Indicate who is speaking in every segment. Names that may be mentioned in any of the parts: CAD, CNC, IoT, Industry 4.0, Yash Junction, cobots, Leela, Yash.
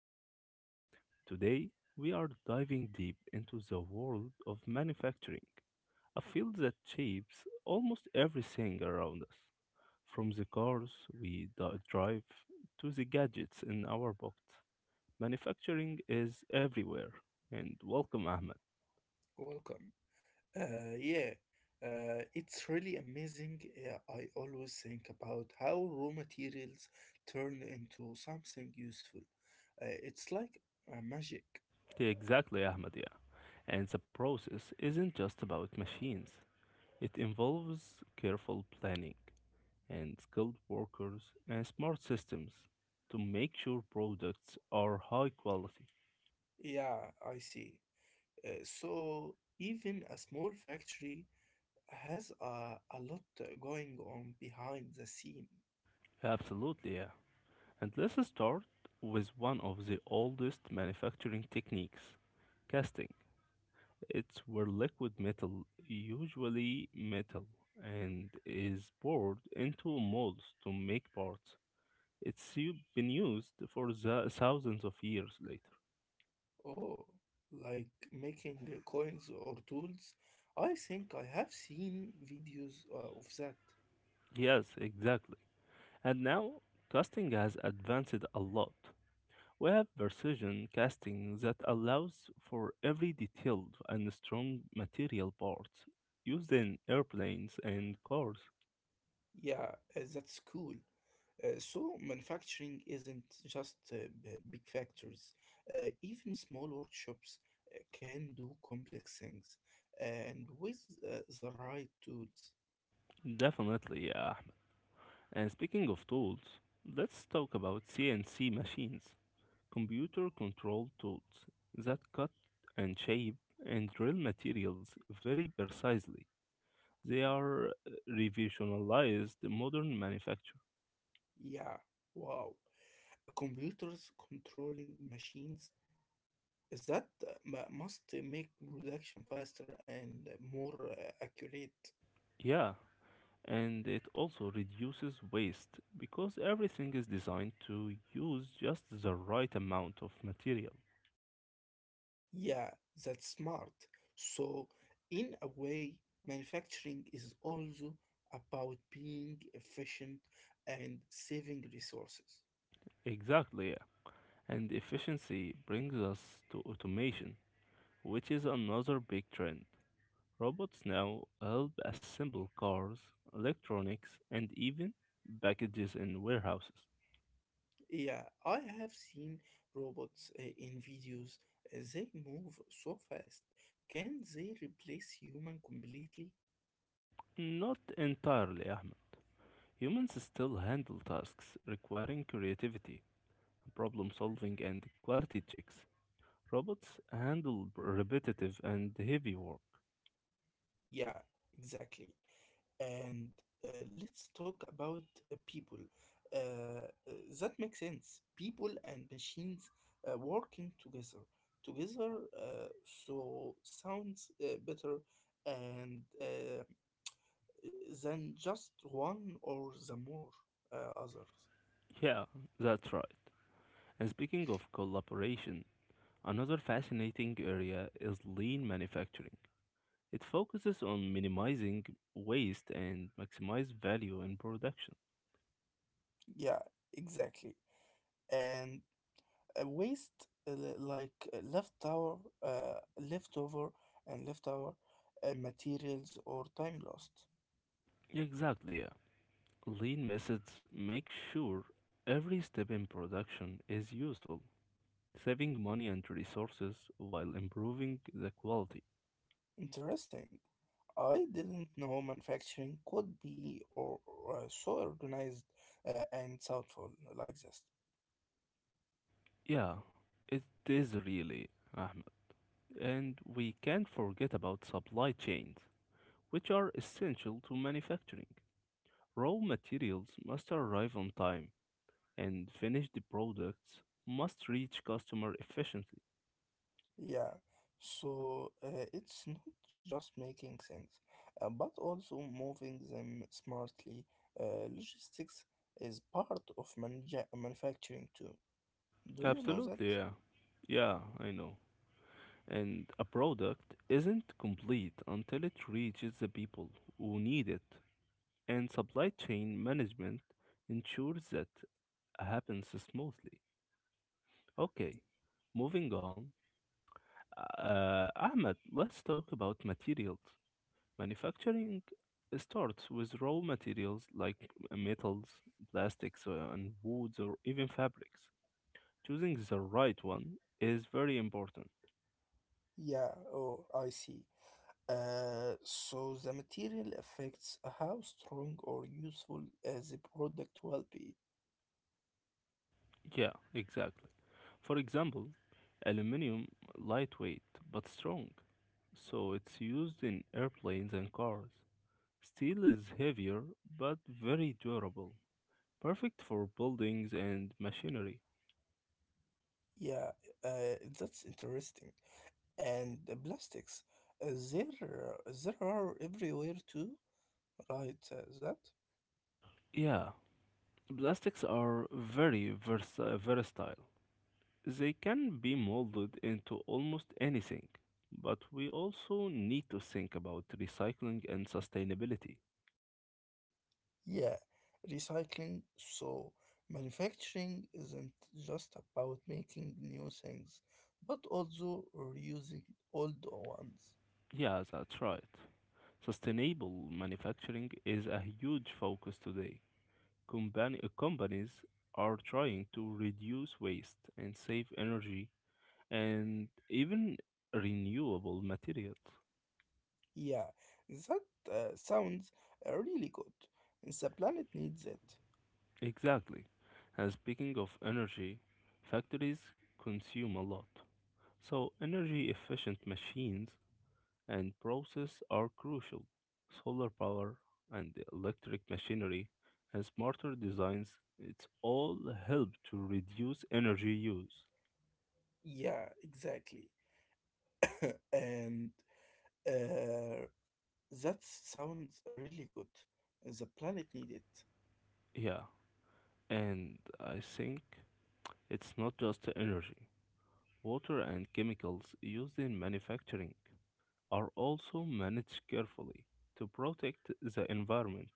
Speaker 1: everyone. Today, we are diving deep into the world of manufacturing, a field that shapes almost everything around us, from the cars we drive to the gadgets in our pockets. Manufacturing is everywhere, and welcome, Ahmed.
Speaker 2: Welcome. Uh, yeah, it's really amazing. Yeah, I always think about how raw materials turn into something useful. It's like magic.
Speaker 1: Yeah, exactly, Ahmed, yeah. And the process isn't just about machines, it involves careful planning and skilled workers and smart systems to make sure products are high quality.
Speaker 2: Yeah, I see. So even a small factory has a lot going on behind the scene.
Speaker 1: Absolutely, yeah. And let's start with one of the oldest manufacturing techniques, casting. It's where liquid metal, usually metal, and is poured into molds to make parts. It's been used for the thousands of years later.
Speaker 2: Oh, like making coins or tools. I think I have seen videos of that.
Speaker 1: Yes, exactly. And now casting has advanced a lot. We have precision casting that allows for every detailed and strong material part used in airplanes and cars.
Speaker 2: Yeah, that's cool. So manufacturing isn't just big factories. Even small workshops can do complex things, and with the right tools.
Speaker 1: Definitely, yeah. And speaking of tools, let's talk about CNC machines, computer controlled tools that cut and shape and drill materials very precisely. They are revolutionized modern manufacture.
Speaker 2: Yeah, wow. Computers controlling machines that must make production faster and more accurate.
Speaker 1: Yeah, and it also reduces waste because everything is designed to use just the right amount of material.
Speaker 2: Yeah, that's smart. So, in a way, manufacturing is also about being efficient and saving resources.
Speaker 1: Exactly, yeah. And efficiency brings us to automation, which is another big trend. Robots now help assemble cars, electronics, and even packages in warehouses.
Speaker 2: Yeah, I have seen robots in videos. They move so fast. Can they replace human completely?
Speaker 1: Not entirely, Ahmed. Humans still handle tasks requiring creativity, problem solving, and quality checks. Robots handle repetitive and heavy work.
Speaker 2: Yeah, exactly. And uh, let's talk about people. Uh, uh, that makes sense. People and machines working together. Together, so sounds better and than just one or the more others.
Speaker 1: Yeah, that's right. And speaking of collaboration, another fascinating area is lean manufacturing. It focuses on minimizing waste and maximize value in production.
Speaker 2: Yeah, exactly. And waste like uh, leftover, leftover materials or time lost.
Speaker 1: Exactly, yeah. Lean methods make sure every step in production is useful, saving money and resources while improving the quality.
Speaker 2: Interesting. I didn't know manufacturing could be or, so organized and thoughtful like this.
Speaker 1: Yeah, it is really. And we can't forget about supply chains, which are essential to manufacturing. Raw materials must arrive on time, and finished products must reach customer efficiently.
Speaker 2: Yeah, so it's not just making things, but also moving them smartly. Logistics is part of manufacturing too. Do you know that?
Speaker 1: Absolutely, yeah. Yeah, I know. And a product isn't complete until it reaches the people who need it. And supply chain management ensures that happens smoothly. Okay, moving on. Ahmed, let's talk about materials. Manufacturing starts with raw materials like metals, plastics, and woods, or even fabrics. Choosing the right one is very important.
Speaker 2: Yeah, oh, I see. So the material affects how strong or useful the product will be.
Speaker 1: Yeah, exactly. For example, aluminum, lightweight but strong, so it's used in airplanes and cars. Steel is heavier but very durable, perfect for buildings and machinery.
Speaker 2: Yeah, that's interesting. And the plastics, there are everywhere too, right? That?
Speaker 1: Yeah, plastics are very versatile. They can be molded into almost anything. But we also need to think about recycling and sustainability.
Speaker 2: Yeah, recycling. So, manufacturing isn't just about making new things, but also reusing old ones.
Speaker 1: Yeah, that's right. Sustainable manufacturing is a huge focus today. Companies are trying to reduce waste and save energy and even renewable materials.
Speaker 2: Yeah, that sounds really good. The planet needs it.
Speaker 1: Exactly. And speaking of energy, factories consume a lot. So, energy efficient machines and process are crucial. Solar power and electric machinery and smarter designs, it's all help to reduce energy use.
Speaker 2: Yeah, exactly. And uh, That sounds really good. The planet needed.
Speaker 1: Yeah, and I think it's not just the energy. Water and chemicals used in manufacturing are also managed carefully to protect the environment.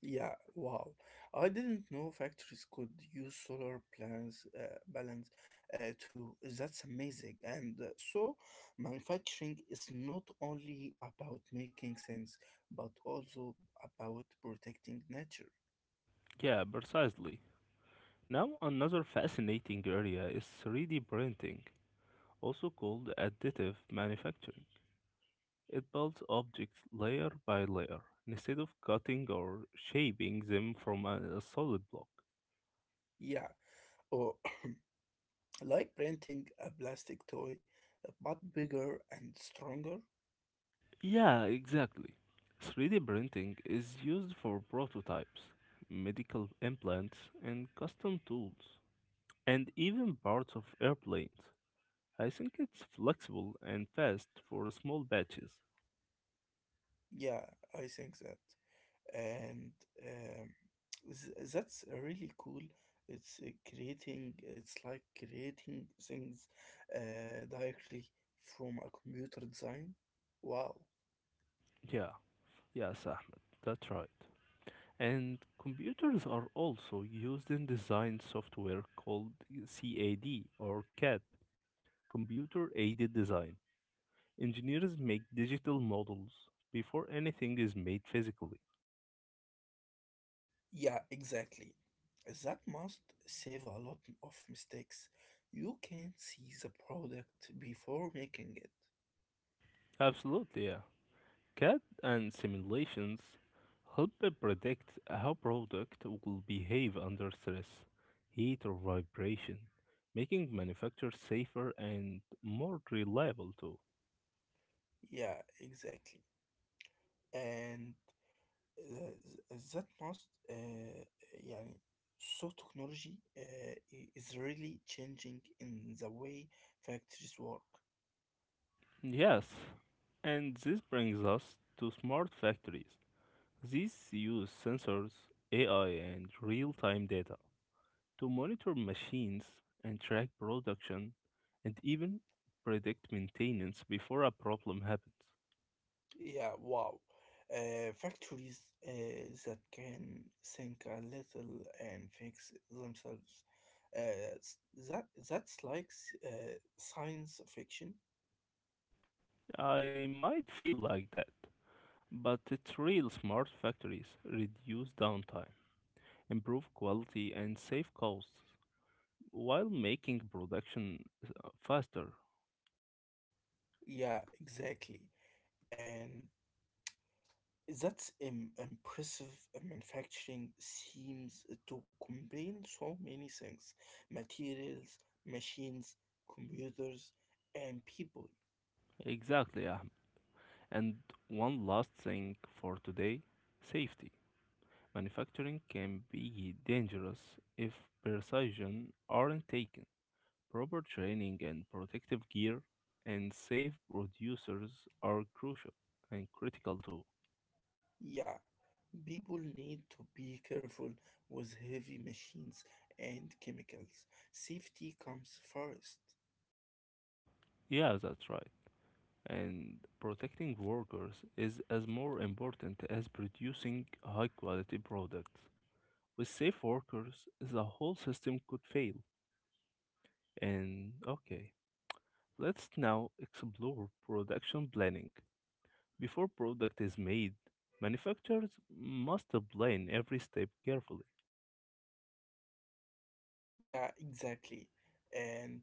Speaker 2: Yeah, wow. I didn't know factories could use solar plans balance too. That's amazing. And so, manufacturing is not only about making things, but also about protecting nature.
Speaker 1: Yeah, precisely. Now, another fascinating area is 3D printing, also called additive manufacturing. It builds objects layer by layer instead of cutting or shaping them from a solid block.
Speaker 2: Yeah, or like printing a plastic toy, but bigger and stronger.
Speaker 1: Yeah, exactly. 3D printing is used for prototypes, medical implants, and custom tools, and even parts of airplanes. I think it's flexible and fast for small batches.
Speaker 2: Yeah, I think that. and um, that's really cool. It's creating it's like creating things directly from a computer design. Wow.
Speaker 1: Yeah, yes, Ahmed, that's right. And computers are also used in design software called CAD, or CAD, Computer Aided Design. Engineers make digital models before anything is made physically.
Speaker 2: Yeah, exactly. That must save a lot of mistakes. You can see the product before making it.
Speaker 1: Absolutely, yeah. CAD and simulations help to predict how product will behave under stress, heat or vibration, making manufacturers safer and more reliable too.
Speaker 2: Yeah, exactly. and آآ ذات must آآ يعني So technology آآ is really changing in the way factories work.
Speaker 1: Yes, and this brings us to smart factories. These use sensors, AI, and real time data to monitor machines and track production and even predict maintenance before a problem happens.
Speaker 2: Yeah, wow. Factories that can think a little and fix themselves. Uh, s- that's like science fiction.
Speaker 1: I might feel like that, but it's real smart factories reduce downtime, improve quality, and save costs while making production faster.
Speaker 2: Yeah, exactly. And That's impressive. Manufacturing seems to combine so many things: materials, machines, computers, and people.
Speaker 1: Exactly, Ahmed. And one last thing for today, safety. Manufacturing can be dangerous if precision aren't taken. Proper training and protective gear and safe producers are crucial and critical too.
Speaker 2: Yeah, people need to be careful with heavy machines and chemicals. Safety comes first.
Speaker 1: Yeah, that's right. And protecting workers is as more important as producing high quality products. With safe workers, the whole system could fail. And okay, let's now explore production planning. Before product is made, manufacturers must plan every step carefully.
Speaker 2: Yeah, exactly. And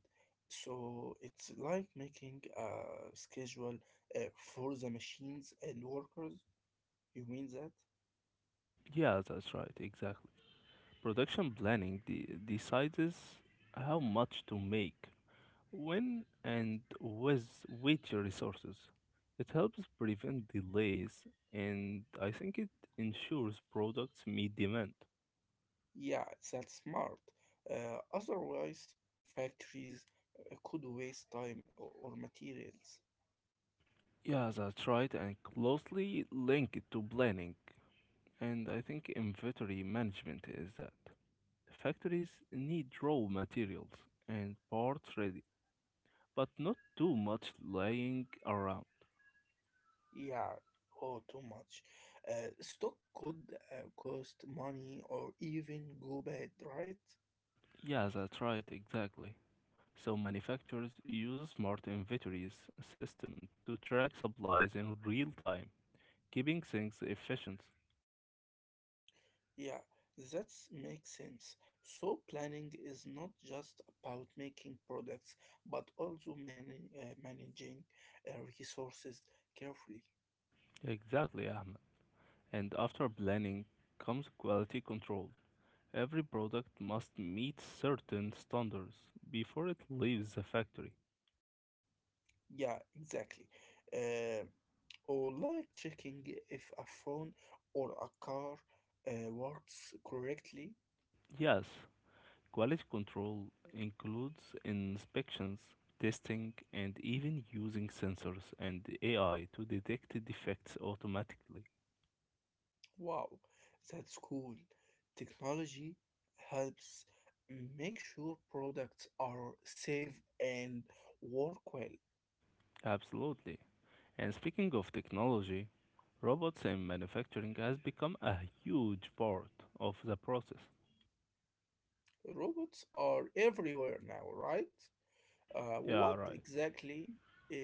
Speaker 2: so it's like making a schedule for the machines and workers. You mean that?
Speaker 1: Yeah, that's right, exactly. Production planning decides how much to make, when, and with which resources. It helps prevent delays and I think it ensures products meet demand.
Speaker 2: Yeah, that's smart. Otherwise, factories could waste time or materials.
Speaker 1: Yeah, that's right, and closely linked to planning, and I think inventory management is that. Factories need raw materials and parts ready, but not too much lying around.
Speaker 2: Yeah, oh, too much. Stock could cost money or even go bad, right?
Speaker 1: Yeah, that's right, exactly. So manufacturers use smart inventories system to track supplies in real time, keeping things efficient.
Speaker 2: Yeah, that makes sense. So, planning is not just about making products, but also managing uh, resources carefully.
Speaker 1: Exactly, Ahmed. And after planning comes quality control. Every product must meet certain standards before it leaves the factory.
Speaker 2: Yeah, exactly. Uh, or like checking if a phone or a car works correctly.
Speaker 1: Yes, quality control includes inspections, testing, and even using sensors and AI to detect defects automatically.
Speaker 2: Wow, that's cool. Technology helps make sure products are safe and work well.
Speaker 1: Absolutely. And speaking of technology, robots in manufacturing has become a huge part of the process.
Speaker 2: Robots are everywhere now, right?
Speaker 1: Yeah,
Speaker 2: What
Speaker 1: right.
Speaker 2: exactly uh,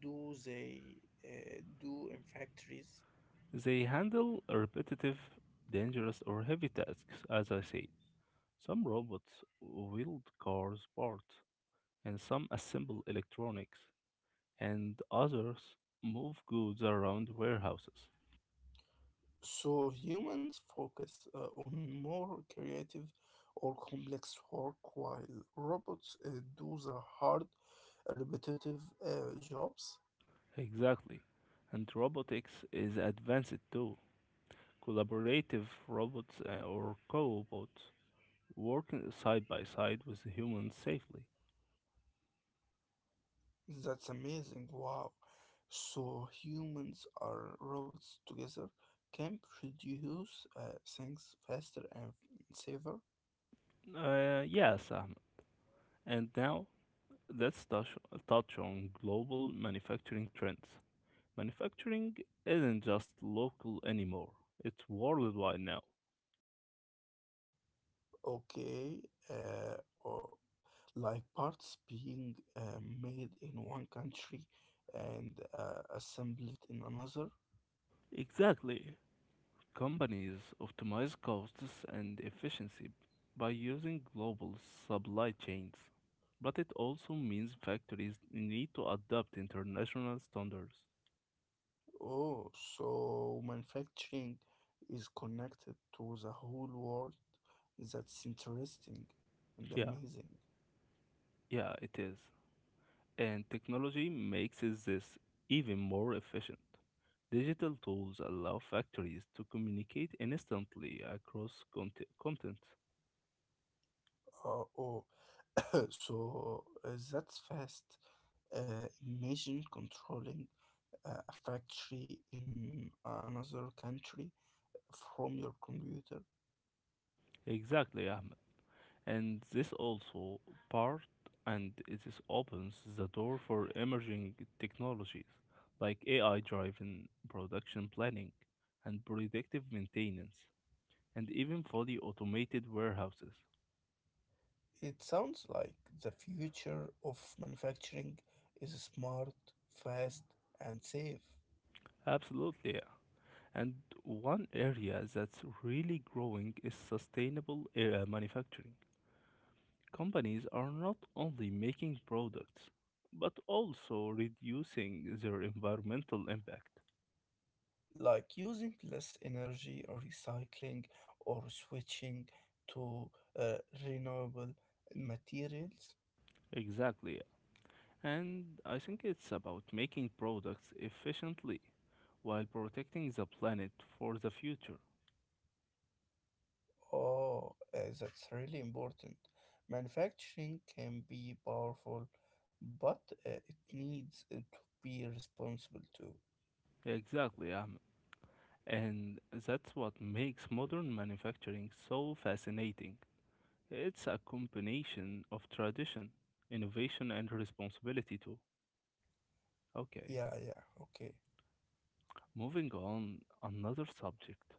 Speaker 2: do they do in factories?
Speaker 1: They handle repetitive, dangerous, or heavy tasks, as I said. Some robots wield cars parts, and some assemble electronics, and others move goods around warehouses.
Speaker 2: So humans focus on more creative or complex work while robots do the hard, repetitive jobs.
Speaker 1: Exactly. And robotics is advanced too. Collaborative robots or cobots working side by side with humans safely.
Speaker 2: That's amazing. Wow. So humans are robots together can produce things faster and safer.
Speaker 1: Yes, Ahmed. And now let's touch on global manufacturing trends. Manufacturing isn't just local anymore, it's worldwide now.
Speaker 2: Okay. Uh, or like parts being made in one country and assembled in another.
Speaker 1: Exactly. Companies optimize costs and efficiency by using global supply chains, but it also means factories need to adopt international standards.
Speaker 2: Oh, so manufacturing is connected to the whole world. That's interesting and
Speaker 1: Yeah,
Speaker 2: amazing.
Speaker 1: yeah, it is. And technology makes this even more efficient. Digital tools allow factories to communicate instantly across continents.
Speaker 2: Uh, oh, so that's fast. Imagine controlling a factory in another country from your computer.
Speaker 1: Exactly, Ahmed. And this also part and it is opens the door for emerging technologies like AI driven production planning and predictive maintenance and even fully automated warehouses.
Speaker 2: It sounds like the future of manufacturing is smart, fast, and safe.
Speaker 1: Absolutely, yeah. And one area that's really growing is sustainable manufacturing. Companies are not only making products, but also reducing their environmental impact.
Speaker 2: Like using less energy, or recycling, or switching to uh, renewable materials.
Speaker 1: Exactly. And I think it's about making products efficiently while protecting the planet for the future.
Speaker 2: Oh, that's really important. Manufacturing can be powerful, but it needs to be responsible too.
Speaker 1: Exactly, Ahmed. And that's what makes modern manufacturing so fascinating. It's a combination of tradition, innovation, and responsibility, too. Okay,
Speaker 2: Yeah, yeah, okay.
Speaker 1: moving on, another subject.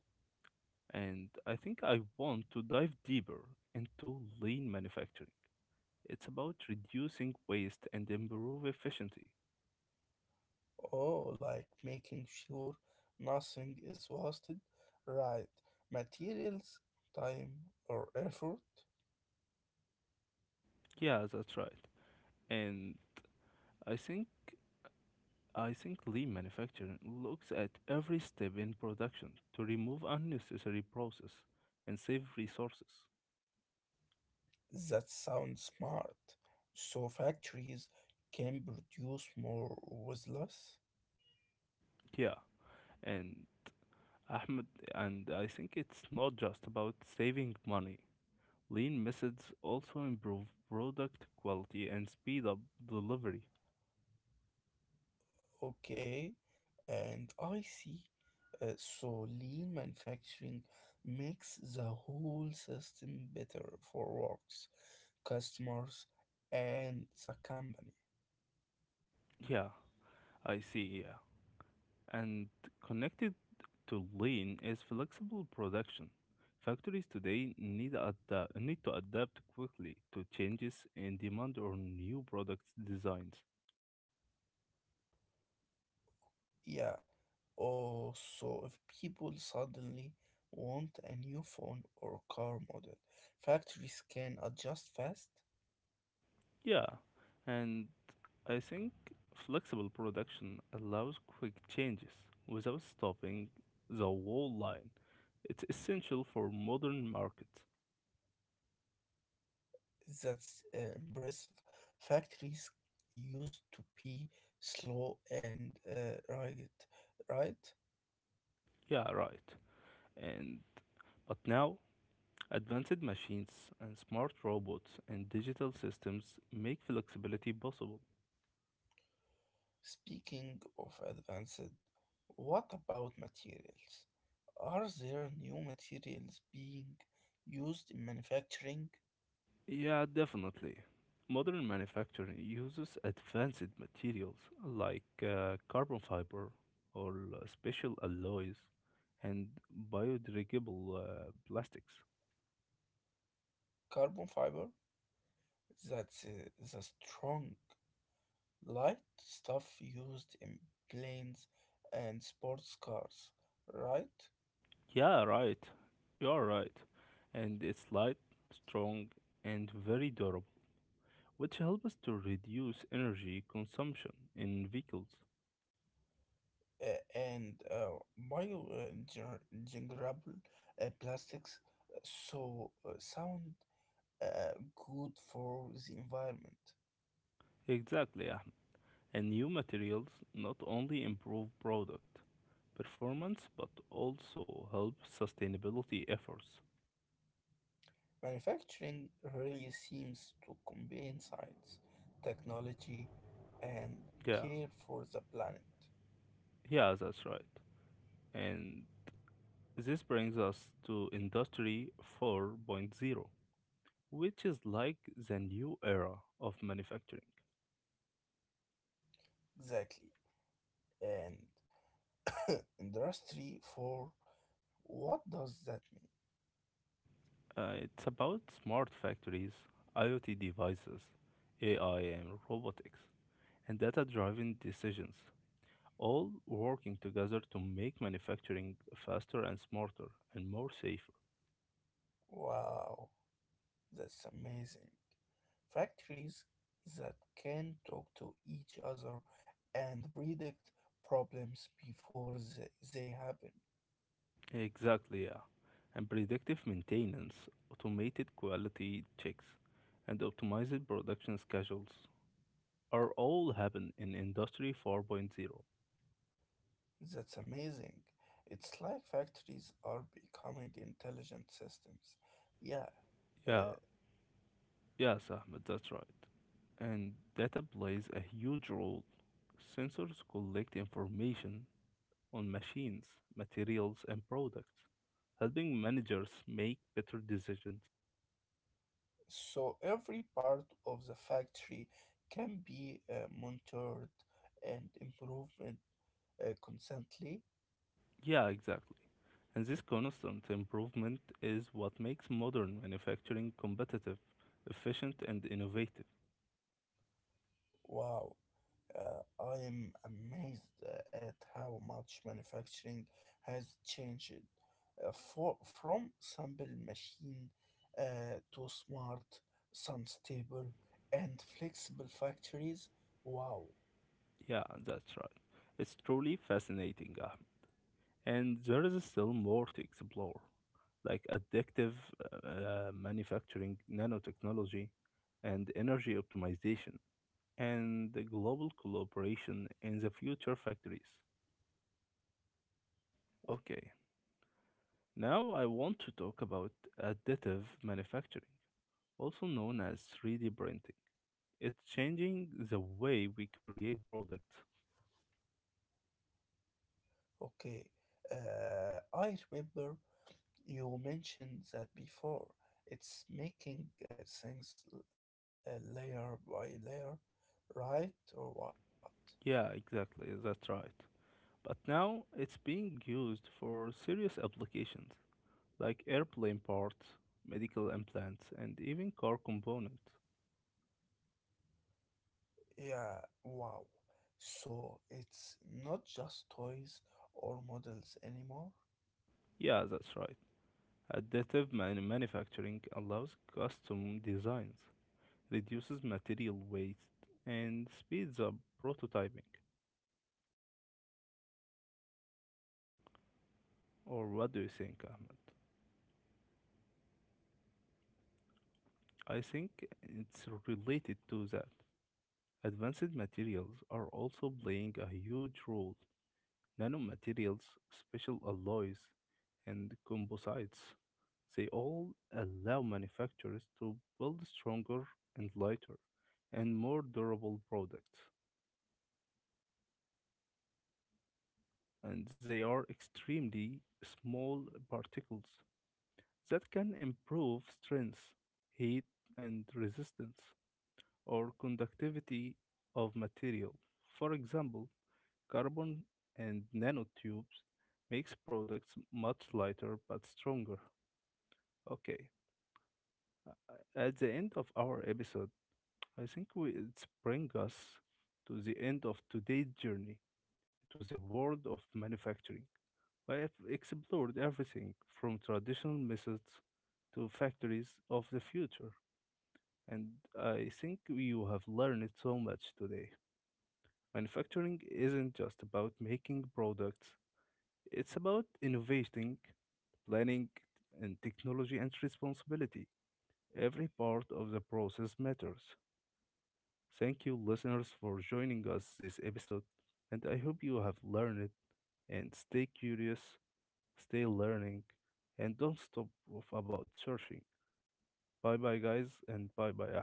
Speaker 1: And I think I want to dive deeper into lean manufacturing. It's about reducing waste and improve efficiency.
Speaker 2: Oh, like making sure nothing is wasted. Right. Materials, time, or effort.
Speaker 1: Yeah, that's right. And I think I think lean manufacturing looks at every step in production to remove unnecessary process and save resources.
Speaker 2: That sounds smart. So factories can produce more with less?
Speaker 1: Yeah, and Ahmed, and I think it's not just about saving money. Lean methods also improve product quality and speed up delivery.
Speaker 2: Okay, and I see. So lean manufacturing makes the whole system better for works, customers, and the company.
Speaker 1: Yeah, I see. Yeah. And connected to lean is flexible production. Factories today need to adapt quickly to changes in demand or new product designs.
Speaker 2: Yeah. Oh, so if people suddenly want a new phone or car model, factories can adjust fast?
Speaker 1: Yeah, and I think flexible production allows quick changes without stopping the whole line. It's essential for modern markets.
Speaker 2: That's impressive. Factories used to be slow and rugged, right?
Speaker 1: Yeah, right. And but now advanced machines and smart robots and digital systems make flexibility possible.
Speaker 2: Speaking of advanced, what about materials? Are there new materials being used in manufacturing?
Speaker 1: Yeah, definitely. Modern manufacturing uses advanced materials like carbon fiber or special alloys and biodegradable plastics.
Speaker 2: Carbon fiber? That's the strong, light stuff used in planes and sports cars, right?
Speaker 1: Yeah, right. You're right. And it's light, strong, and very durable, which helps us to reduce energy consumption in vehicles.
Speaker 2: uh, and Biodegradable plastics, so sound uh, good for the environment.
Speaker 1: Exactly, Ahmed. And new materials not only improve product performance but also help sustainability efforts.
Speaker 2: Manufacturing really seems to combine science, technology, and
Speaker 1: Yeah,
Speaker 2: care for the planet.
Speaker 1: yeah, that's right. And this brings us to Industry 4.0, which is like the new era of manufacturing.
Speaker 2: Exactly. And industry for what does that mean?
Speaker 1: It's about smart factories, IoT devices, AI and robotics, and data driven decisions, all working together to make manufacturing faster and smarter and more safer.
Speaker 2: Wow, that's amazing. Factories that can talk to each other and predict problems before they happen.
Speaker 1: Exactly, yeah. And predictive maintenance, automated quality checks, and optimized production schedules are all happen in Industry 4.0.
Speaker 2: That's amazing. It's like factories are becoming intelligent systems. Yeah.
Speaker 1: Yeah,
Speaker 2: uh,
Speaker 1: yes, Ahmed, that's right. And data plays a huge role. Sensors collect information on machines, materials, and products, helping managers make better decisions.
Speaker 2: so every part of the factory can be monitored and improved constantly.
Speaker 1: Yeah, exactly. And this constant improvement is what makes modern manufacturing competitive, efficient, and innovative.
Speaker 2: Wow. I am amazed at how much manufacturing has changed from simple machine to smart, sun stable, and flexible factories. Wow,
Speaker 1: Yeah, that's right. It's truly fascinating, Ahmed. And there is still more to explore, like addictive manufacturing, nanotechnology, and energy optimization, and the global collaboration in the future factories.
Speaker 2: wow,
Speaker 1: Okay, now I want to talk about additive manufacturing also known as 3D printing. It's changing the way we create products.
Speaker 2: okay. I remember you mentioned that before. It's making things layer by layer, right or what?
Speaker 1: Yeah, exactly, that's right. But now it's being used for serious applications like airplane parts, medical implants, and even car components.
Speaker 2: Yeah, wow. So it's not just toys or models anymore?
Speaker 1: Yeah, that's right. Manufacturing allows custom designs, reduces material waste, and speeds up prototyping.
Speaker 2: Yeah, exactly.
Speaker 1: Or what
Speaker 2: That's
Speaker 1: do you
Speaker 2: smart.
Speaker 1: think, Ahmed?
Speaker 2: You you can
Speaker 1: I
Speaker 2: now
Speaker 1: think
Speaker 2: tell
Speaker 1: it's
Speaker 2: me.
Speaker 1: related to that. Advanced materials are
Speaker 2: Yeah,
Speaker 1: also playing a huge role. Nanomaterials, special alloys, and composites. They all allow manufacturers to build stronger and lighter and more durable
Speaker 2: wow,
Speaker 1: products.
Speaker 2: wow. Now
Speaker 1: And they are extremely small particles that can improve strength, heat, and resistance or conductivity of material. For example, carbon and nanotubes makes products much lighter but stronger. Okay, uh, at the end of our episode, I think we it's bring us to the end of today's journey to the world of manufacturing. I have explored everything from traditional methods to factories of the future, and I think you have learned so much today. Manufacturing isn't just about making products, it's about innovating, planning, and technology and responsibility. Every part of the process matters. Thank you, listeners, for joining us this episode, and I hope you have learned and stay curious, stay learning, and don't stop about searching. Bye bye, guys, and bye bye,